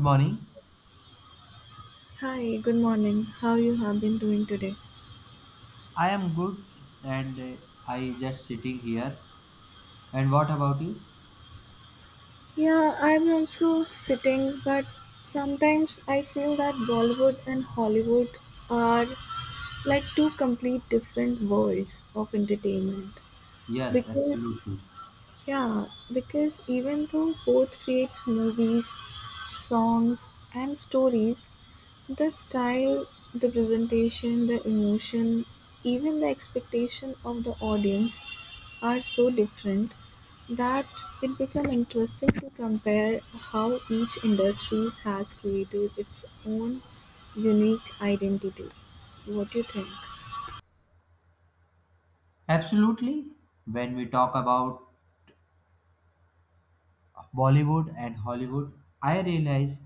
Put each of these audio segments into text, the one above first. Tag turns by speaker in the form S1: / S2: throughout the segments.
S1: Morning.
S2: Hi, good morning. How you have been doing today?
S1: I am good and I just sitting here. And what about you?
S2: Yeah, I'm also sitting, but sometimes I feel that Bollywood and Hollywood are like two complete different worlds of entertainment
S1: Yes,
S2: because
S1: absolutely.
S2: Yeah, because even though both creates movies, songs, and stories, the style, the presentation, the emotion, even the expectation of the audience are so different that it become interesting to compare how each industry has created its own unique identity. What do you think?
S1: Absolutely. When we talk about Bollywood and Hollywood, I realize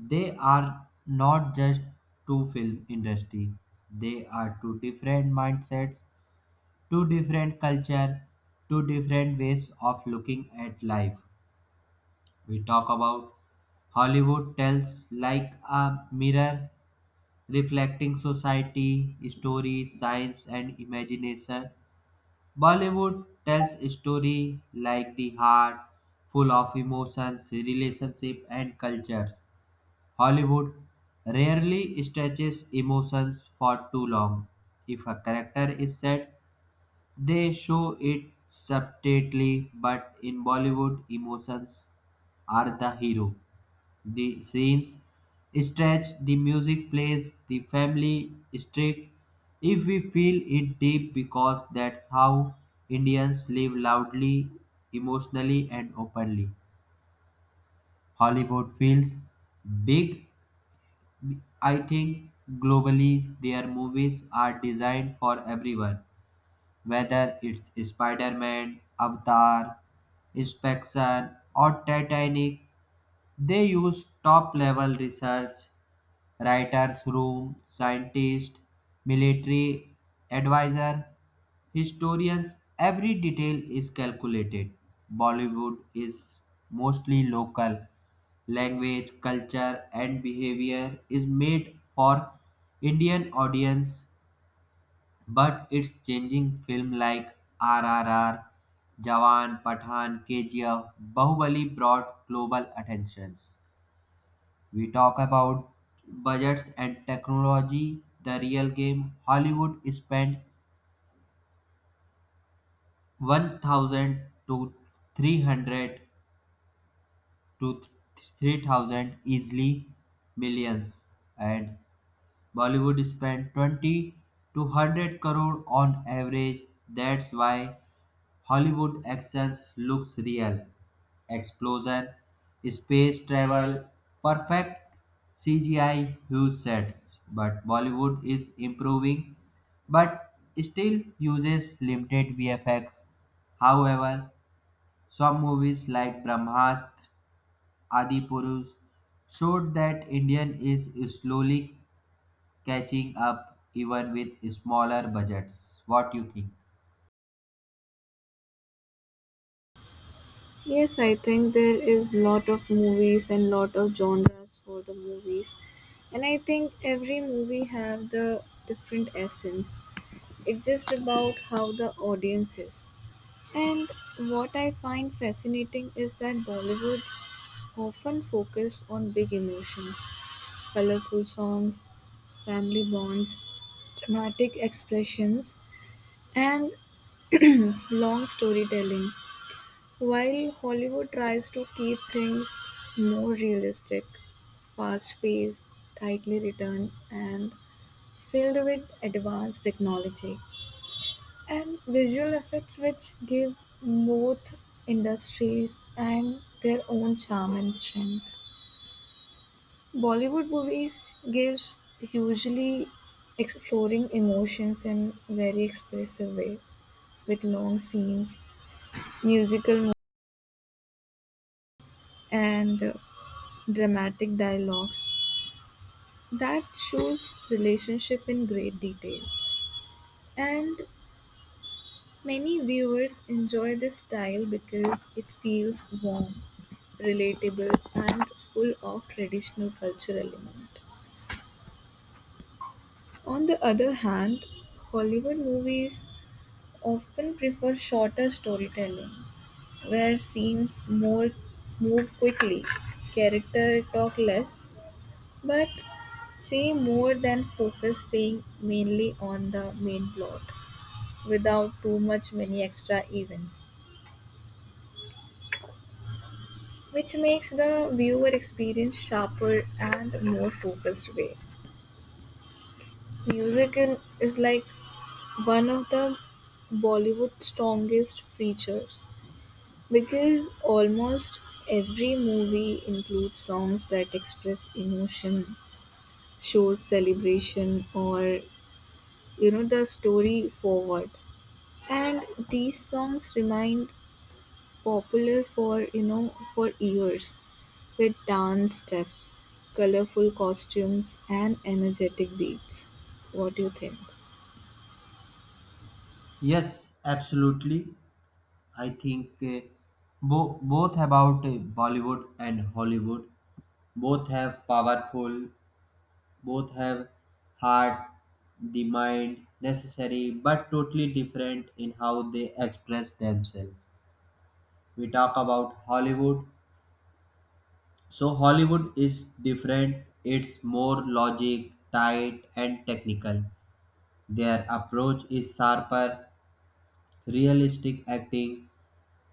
S1: they are not just two film industry. They are two different mindsets, two different culture, two different ways of looking at life. We talk about Hollywood tells like a mirror reflecting society, story, science, and imagination. Bollywood tells story like the heart, full of emotions, relationship, and cultures. Hollywood rarely stretches emotions for too long. If a character is sad, they show it subtly, but in Bollywood, emotions are the hero. The scenes stretch, the music plays, the family strict. If we feel it deep, because that's how Indians live loudly, emotionally, and openly. Hollywood feels big. I think globally their movies are designed for everyone, whether it's Spider Man, Avatar, Inspection, or Titanic. They use top level research, writers' room, scientists, military advisor, historians, every detail is calculated. Bollywood is mostly local. Language, culture, and behavior is made for Indian audience, but it's changing film like RRR, Jawan, Pathan, KGF, Bahubali brought global attentions. We talk about budgets and technology, the real game. Hollywood spent 1000 to 300 to 3000 easily millions and Bollywood spent 20 to 100 crore on average. That's why Hollywood action looks real. Explosion, space travel, perfect CGI, huge sets. But Bollywood is improving, but still uses limited VFX. However, some movies like Brahmastra, Adi Purush showed that Indian is slowly catching up even with smaller budgets. What do you think?
S2: Yes, I think there is lot of movies and lot of genres for the movies, and I think every movie have the different essence. It's just about how the audience is. And what I find fascinating is that Bollywood often focus on big emotions, colorful songs, family bonds, dramatic expressions, and long storytelling. While Hollywood tries to keep things more realistic, fast-paced, tightly written, and filled with advanced technology and visual effects which give both industries and their own charm and strength. Bollywood movies gives usually exploring emotions in very expressive way with long scenes, musical mo- and dramatic dialogues that shows relationship in great details. And many viewers enjoy this style because it feels warm, relatable and full of traditional cultural element. On the other hand, Hollywood movies often prefer shorter storytelling where scenes more move quickly, character talk less, but say more than focus staying mainly on the main plot, without too much many extra events, which makes the viewer experience sharper and more focused way. Music in, is like one of the Bollywood's strongest features because almost every movie includes songs that express emotion, shows celebration, or the story forward. And these songs remind popular for for years with dance steps, colorful costumes, and energetic beats. What do you think?
S1: Yes, absolutely. I think both about Bollywood and Hollywood. Both have powerful, both have heart, the mind necessary, but totally different in how they express themselves. We talk about Hollywood. So Hollywood is different. It's more logic, tight, and technical. Their approach is sharper, realistic acting,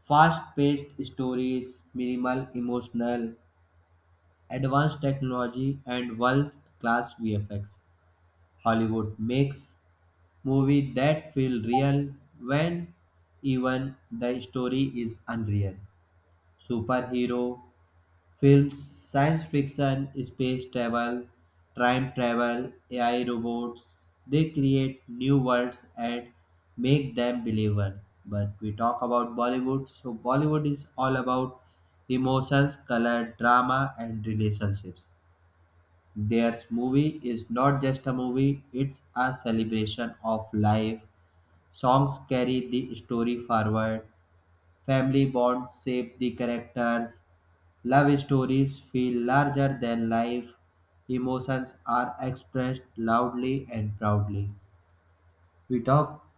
S1: fast-paced stories, minimal emotional advanced technology and world class VFX. Hollywood makes movies that feel real when even the story is unreal. Superhero films, science fiction, space travel, time travel, AI robots, they create new worlds and make them believable. But we talk about Bollywood, so Bollywood is all about emotions, color, drama, and relationships. Their movie is not just a movie, it's a celebration of life. Songs carry the story forward, family bonds shape the characters, love stories feel larger than life, emotions are expressed loudly and proudly. We talk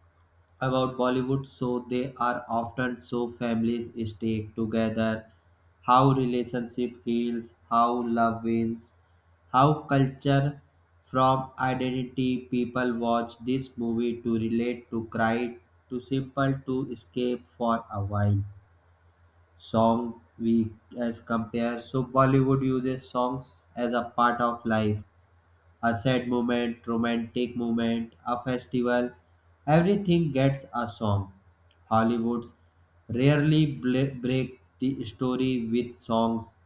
S1: about Bollywood, so they are often so families stay together, how relationship heals, how love wins, how culture from identity people watch this movie to relate, to cry, to simple, to escape for a while. Song we as compare so Bollywood uses songs as a part of life, a sad moment, romantic moment, a festival, everything gets a song. Hollywood's rarely break the story with songs.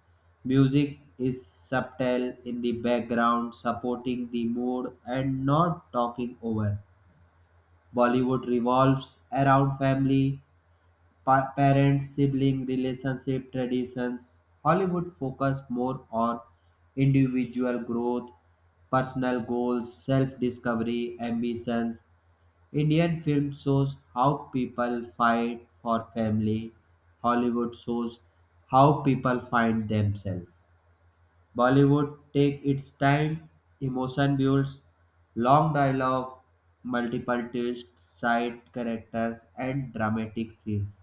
S1: Music is subtle in the background, supporting the mood and not talking over. Bollywood revolves around family, parent sibling relationship traditions. Hollywood focus more on individual growth, personal goals, self discovery, ambitions. Indian film shows how people fight for family. Hollywood shows how people find themselves. Bollywood takes its time, emotion builds, long dialogue, multiple twists, side characters, and dramatic scenes.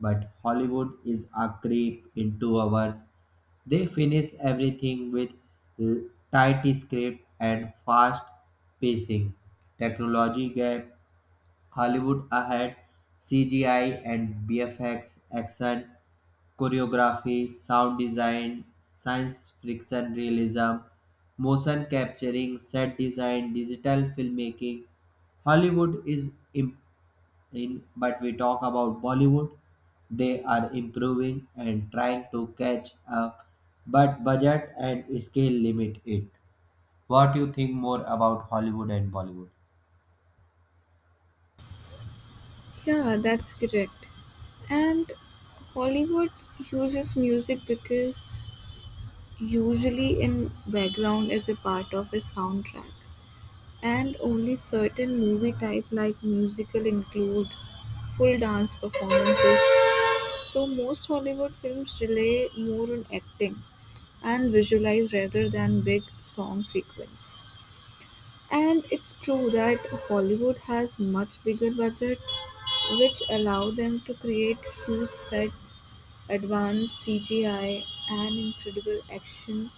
S1: But Hollywood is a creep in 2 hours. They finish everything with l- tight script and fast pacing. Technology gap, Hollywood ahead, CGI and BFX action choreography, sound design, science fiction realism, motion capturing, set design, digital filmmaking. Hollywood is im- in, but we talk about Bollywood. They are improving and trying to catch up, but budget and scale limit it. What do you think more about Hollywood and Bollywood?
S2: Yeah, that's correct. And Hollywood uses music because usually in background is a part of a soundtrack, and only certain movie type like musical include full dance performances. So most Hollywood films rely more on acting and visualize rather than big song sequence. And it's true that Hollywood has much bigger budget which allow them to create huge sets, advanced CGI and incredible action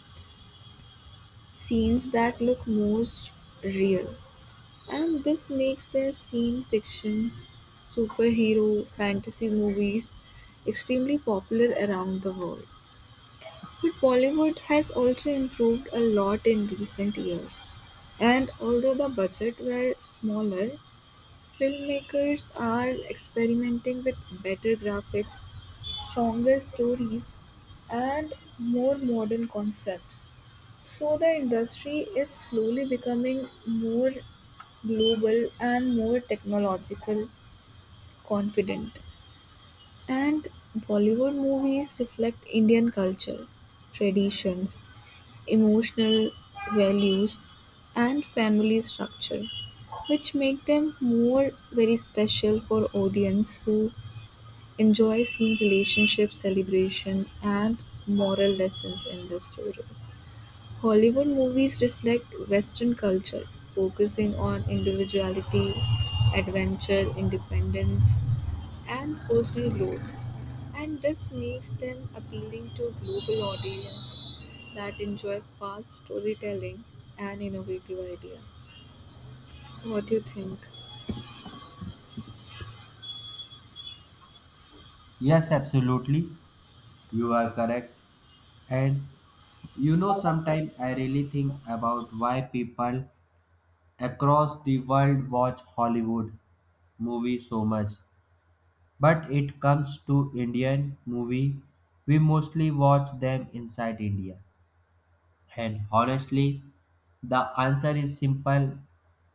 S2: scenes that look most real. And this makes their scene fictions, superhero, fantasy movies extremely popular around the world. But Bollywood has also improved a lot in recent years. And although the budget were smaller, filmmakers are experimenting with better graphics, stronger stories, and more modern concepts. So the industry is slowly becoming more global and more technological confident, and Bollywood movies reflect Indian culture, traditions, emotional values, and family structure, which make them more very special for audience who enjoy seeing relationship celebration and moral lessons in the story. Hollywood movies reflect Western culture, focusing on individuality, adventure, independence, and personal growth, and this makes them appealing to a global audience that enjoy fast storytelling and innovative ideas. What do you think?
S1: Yes, absolutely. You are correct. And you know, sometimes I really think about why people across the world watch Hollywood movies so much. But it comes to Indian movie, we mostly watch them inside India. And honestly, the answer is simple.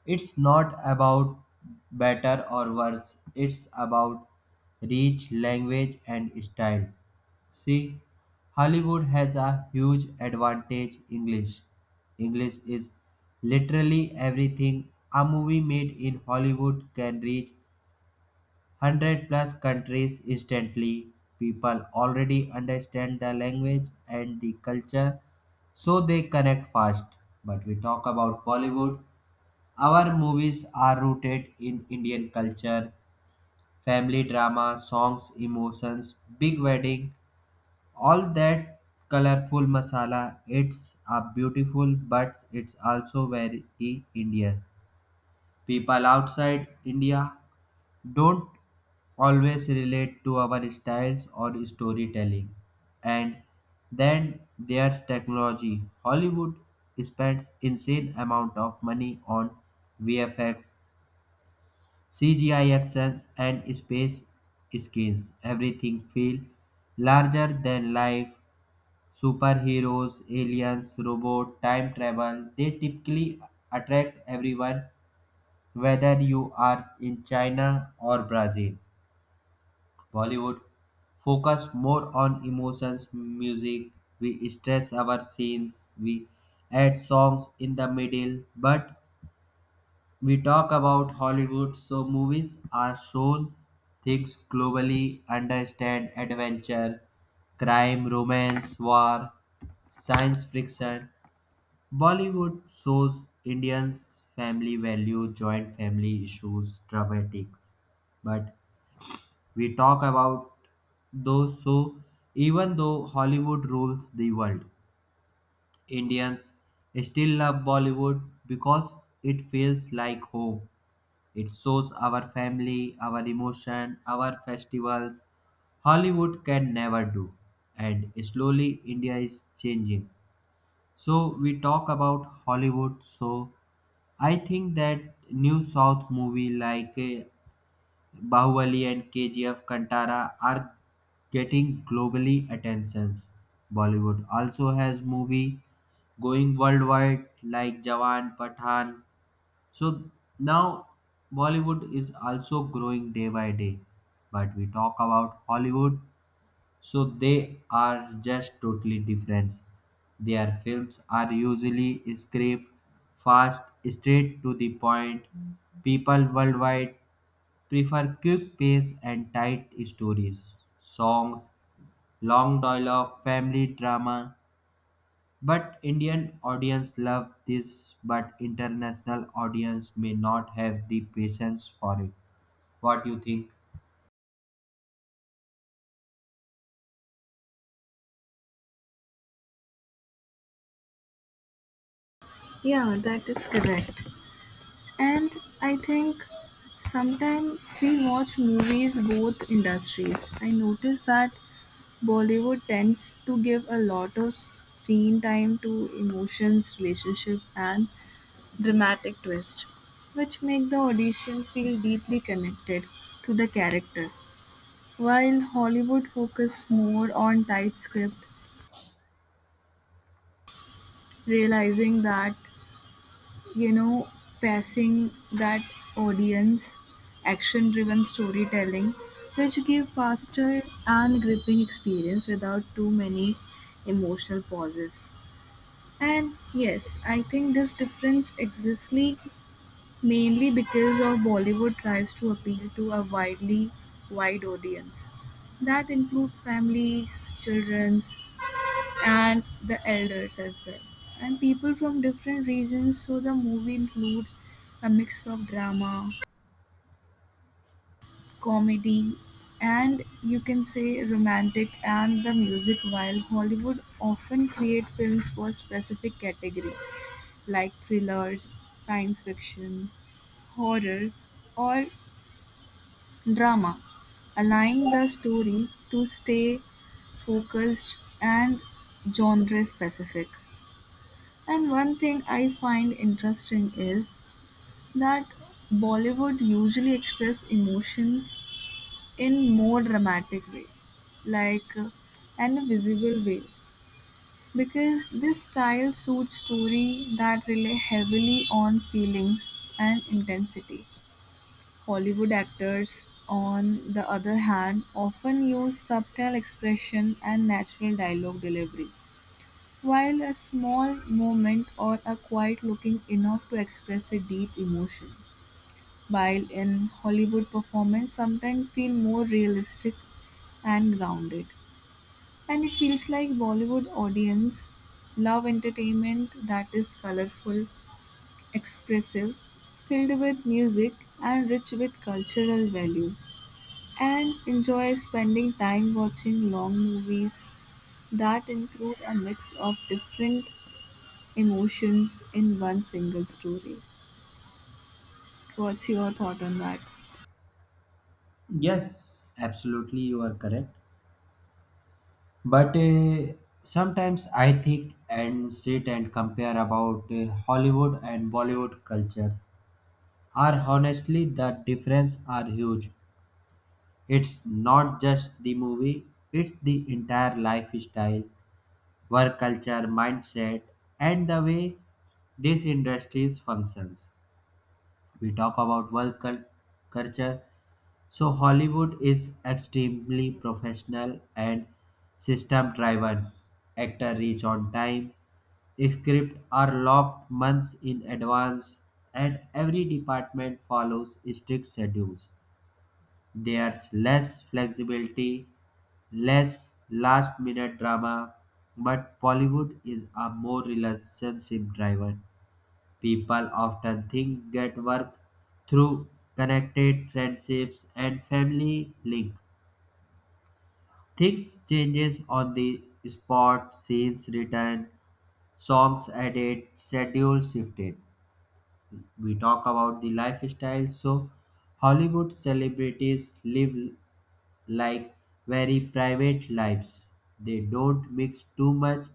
S1: It's not about better or worse. It's about reach, language, and style. See, Hollywood has a huge advantage English. English is literally everything. A movie made in Hollywood can reach 100 plus countries instantly. People already understand the language and the culture, so they connect fast. But we talk about Bollywood. Our movies are rooted in Indian culture, family drama, songs, emotions, big wedding, all that colorful masala. It's a beautiful but it's also very Indian. People outside India don't always relate to our styles or storytelling. And then there's technology. Hollywood spends insane amount of money on VFX, CGI actions and space screens. Everything feel larger than life. Superheroes, aliens, robot, time travel, they typically attract everyone, whether you are in China or Brazil. Bollywood focus more on emotions, music, we stress our scenes, we add songs in the middle, but we talk about Hollywood, so movies are shown things globally, understand adventure, crime, romance, war, science fiction. Bollywood shows Indians' family value, joint family issues, dramatics. But we talk about those so even though Hollywood rules the world, Indians still love Bollywood because it feels like home. It shows our family, our emotion, our festivals. Hollywood can never do. And slowly India is changing. So we talk about Hollywood so I think that new South movie like Bahubali and KGF Kantara are getting globally attentions. Bollywood also has movie going worldwide like Jawan, Pathan. So now Bollywood is also growing day by day. But we talk about Hollywood so they are just totally different. Their films are usually script, fast, straight to the point. People worldwide prefer quick pace and tight stories, songs, long dialogue, family drama. But Indian audience love this, but international audience may not have the patience for it. What do you think?
S2: Yeah, that is correct. And I think sometimes we watch movies both industries. I notice that Bollywood tends to give a lot of screen time to emotions, relationship, and dramatic twist, which make the audition feel deeply connected to the character. While Hollywood focus more on tight script, realizing that you know passing that audience action-driven storytelling, which give faster and gripping experience without too many emotional pauses. And yes, I think this difference exists mainly because of Bollywood tries to appeal to a wide audience that include families, childrens and the elders as well. And people from different regions, so the movie include a mix of drama, comedy and you can say romantic and the music, while Hollywood often create films for specific category like thrillers, science fiction, horror, or drama, allowing the story to stay focused and genre specific. And one thing I find interesting is that Bollywood usually express emotions in more dramatic way, like uh, and a visible way, because this style suits story that rely heavily on feelings and intensity. Hollywood actors, on the other hand, often use subtle expression and natural dialogue delivery, while a small moment or a quiet looking enough to express a deep emotion. While in Hollywood performance sometimes feel more realistic and grounded. And it feels like Bollywood audience love entertainment that is colorful, expressive, filled with music and rich with cultural values. And enjoys spending time watching long movies that include a mix of different emotions in one single story. What's your thought on that?
S1: Yes, absolutely, you are correct. But sometimes I think and sit and compare about Hollywood and Bollywood cultures. Are honestly the difference are huge. It's not just the movie; it's the entire lifestyle, work culture, mindset, and the way these industries functions. We talk about work culture, so Hollywood is extremely professional and system driven. Actor reach on time, script are locked months in advance and every department follows strict schedules. There's less flexibility, less last minute drama, but Bollywood is a more relationship driven. People often think get work through connected friendships and family link. Things changes on the spot, scenes written, songs added, schedule shifted. We talk about the lifestyle, so Hollywood celebrities live like very private lives. They don't mix too much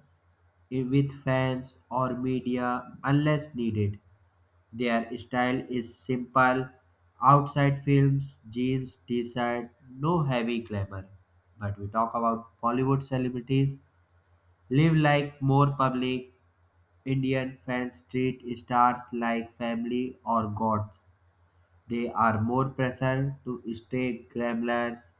S1: with fans or media unless needed. Their style is simple. Outside films, jeans, t-shirt, no heavy glamour. But we talk about Bollywood celebrities. Live like more public. Indian fans treat stars like family or gods. They are more pressured to stay glamorous,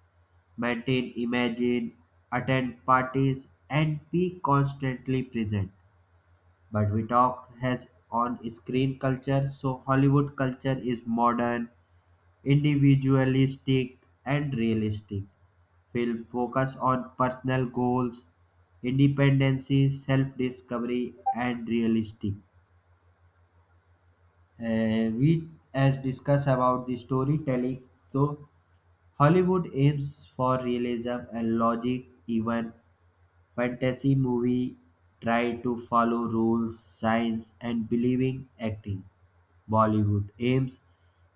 S1: maintain image, attend parties, and be constantly present but we talk has on screen culture so Hollywood culture is modern, individualistic and realistic. Film focus on personal goals, independency, self-discovery and realistic. We as discuss about the storytelling so Hollywood aims for realism and logic. Even fantasy movie try to follow rules, science and believing acting. Bollywood aims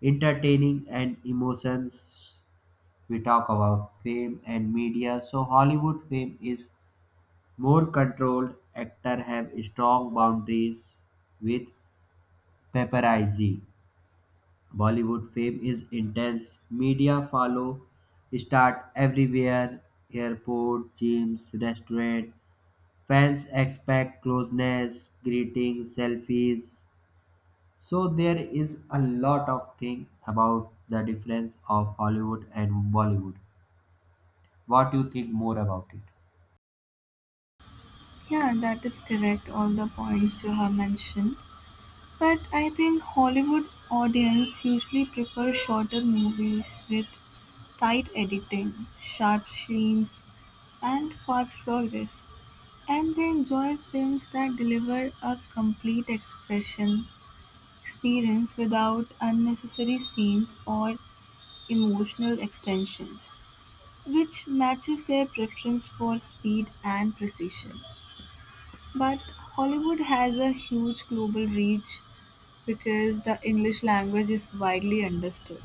S1: entertaining and emotions. We talk about fame and media. So Hollywood fame is more controlled. Actor have strong boundaries with paparazzi. Bollywood fame is intense. Media follow start everywhere. Airport, gyms, restaurant. Fans expect closeness, greetings, selfies. So there is a lot of thing about the difference of Hollywood and Bollywood. What you think more about it?
S2: Yeah, that is correct. All the points you have mentioned. But I think Hollywood audience usually prefer shorter movies with tight editing, sharp scenes, and fast progress. And they enjoy films that deliver a complete expression experience without unnecessary scenes or emotional extensions, which matches their preference for speed and precision. But Hollywood has a huge global reach because the English language is widely understood.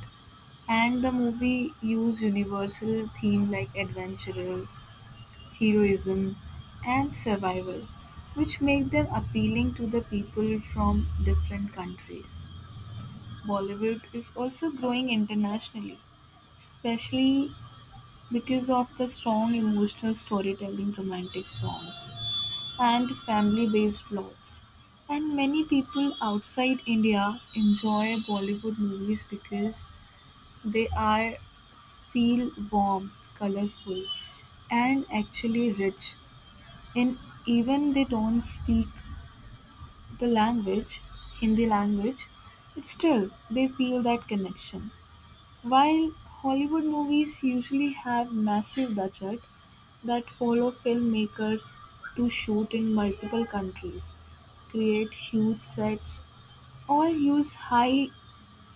S2: And the movie used universal themes like adventure, heroism, and survival, which make them appealing to the people from different countries. Bollywood is also growing internationally, especially because of the strong emotional storytelling, romantic songs and family-based plots, and many people outside India enjoy Bollywood movies because they are feel warm, colorful, and actually rich. And even they don't speak the language, Hindi language, but still they feel that connection. While Hollywood movies usually have massive budgets that follow filmmakers to shoot in multiple countries, create huge sets, or use high-end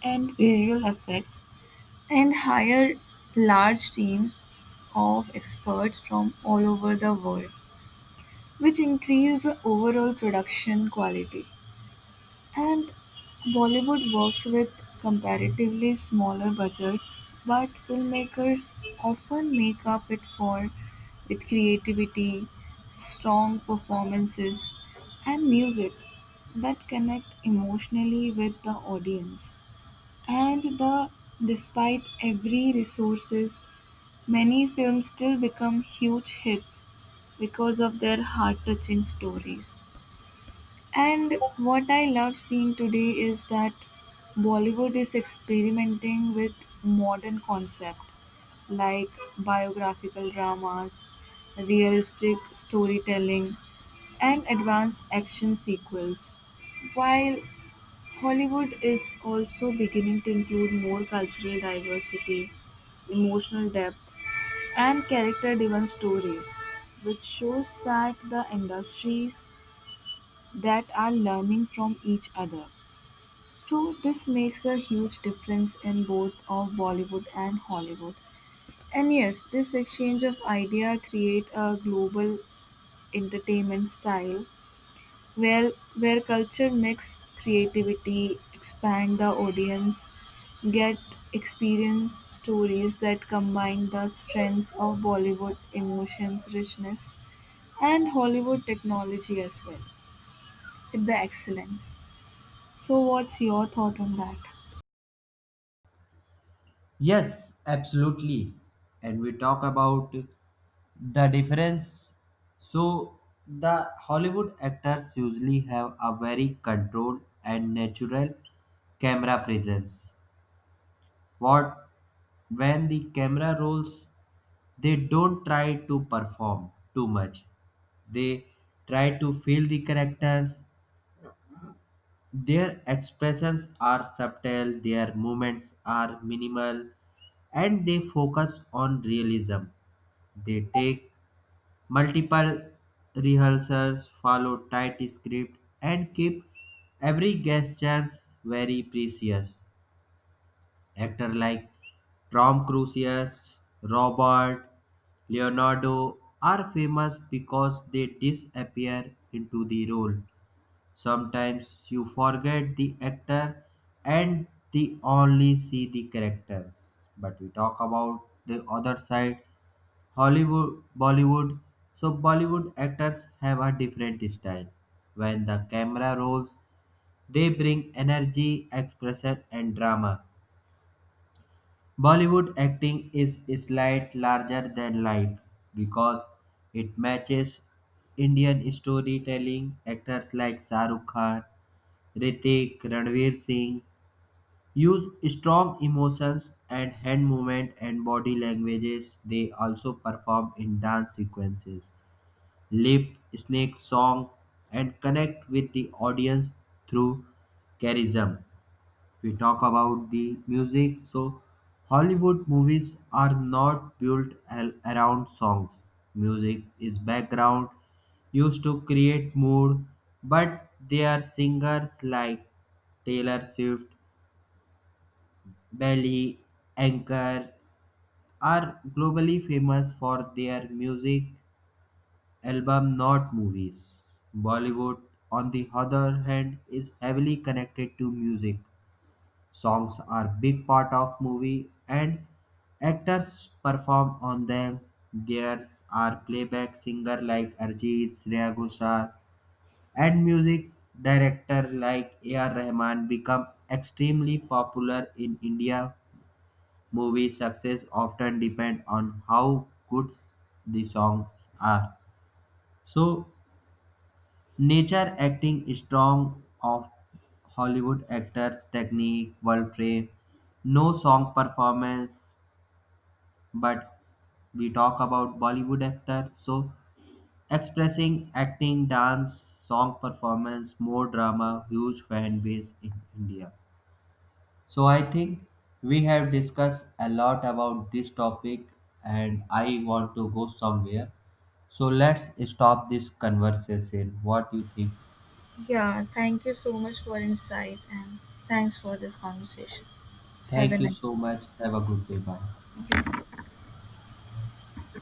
S2: visual effects and hire large teams of experts from all over the world, which increase the overall production quality. And Bollywood works with comparatively smaller budgets, but filmmakers often make up it for with creativity, strong performances, and music that connect emotionally with the audience. And the despite every resources, many films still become huge hits because of their heart-touching stories. And what I love seeing today is that Bollywood is experimenting with modern concept like biographical dramas, realistic storytelling, and advanced action sequels. While Hollywood is also beginning to include more cultural diversity, emotional depth, and character driven stories, which shows that the industries that are learning from each other. So this makes a huge difference in both of Bollywood and Hollywood. And yes, this exchange of idea create a global entertainment style where culture mix creativity, expand the audience, get experience stories that combine the strengths of Bollywood emotions richness and Hollywood technology as well with the excellence. So what's your thought on that?
S1: Yes, absolutely. And we talk about the difference. So the Hollywood actors usually have a very controlled and natural camera presence. What when the camera rolls they don't try to perform too much. They try to feel the characters. Their expressions are subtle, their movements are minimal, and they focus on realism. They take multiple rehearsals, follow tight script, and keep every gesture very precious. Actor like Tom Cruise, Robert Leonardo are famous because they disappear into the role. Sometimes you forget the actor and the only see the characters. But we talk about the other side, Hollywood, Bollywood. So Bollywood actors have a different style. When the camera rolls, they bring energy, expression, and drama. Bollywood acting is slight larger than life because it matches Indian storytelling. Actors like Shah Rukh Khan, Ritik, Ranveer Singh use strong emotions and hand movement and body languages. They also perform in dance sequences, lip snake song, and connect with the audience through charism. We talk about the music. So, Hollywood movies are not built around songs. Music is background used to create mood, but there are singers like Taylor Swift, Belly, Anchor are globally famous for their music album, not movies. Bollywood, on the other hand, is heavily connected to music. Songs are big part of movie and actors perform on them. There are playback singer like Arjit, Shreya Ghoshal and music director like A.R. Rahman become extremely popular in India. Movie success often depend on how good the songs are. So Nature acting is strong of Hollywood actors technique, world frame, no song performance, but we talk about Bollywood actors. So expressing acting, dance, song performance, more drama, huge fan base in India. So I think we have discussed a lot about this topic and I want to go somewhere. So let's stop this conversation. What do you think?
S2: Yeah, thank you so much for insight and thanks for this conversation. Have a
S1: Thank you
S2: nice
S1: so
S2: day.
S1: much. Have a good day. Bye.
S2: You too.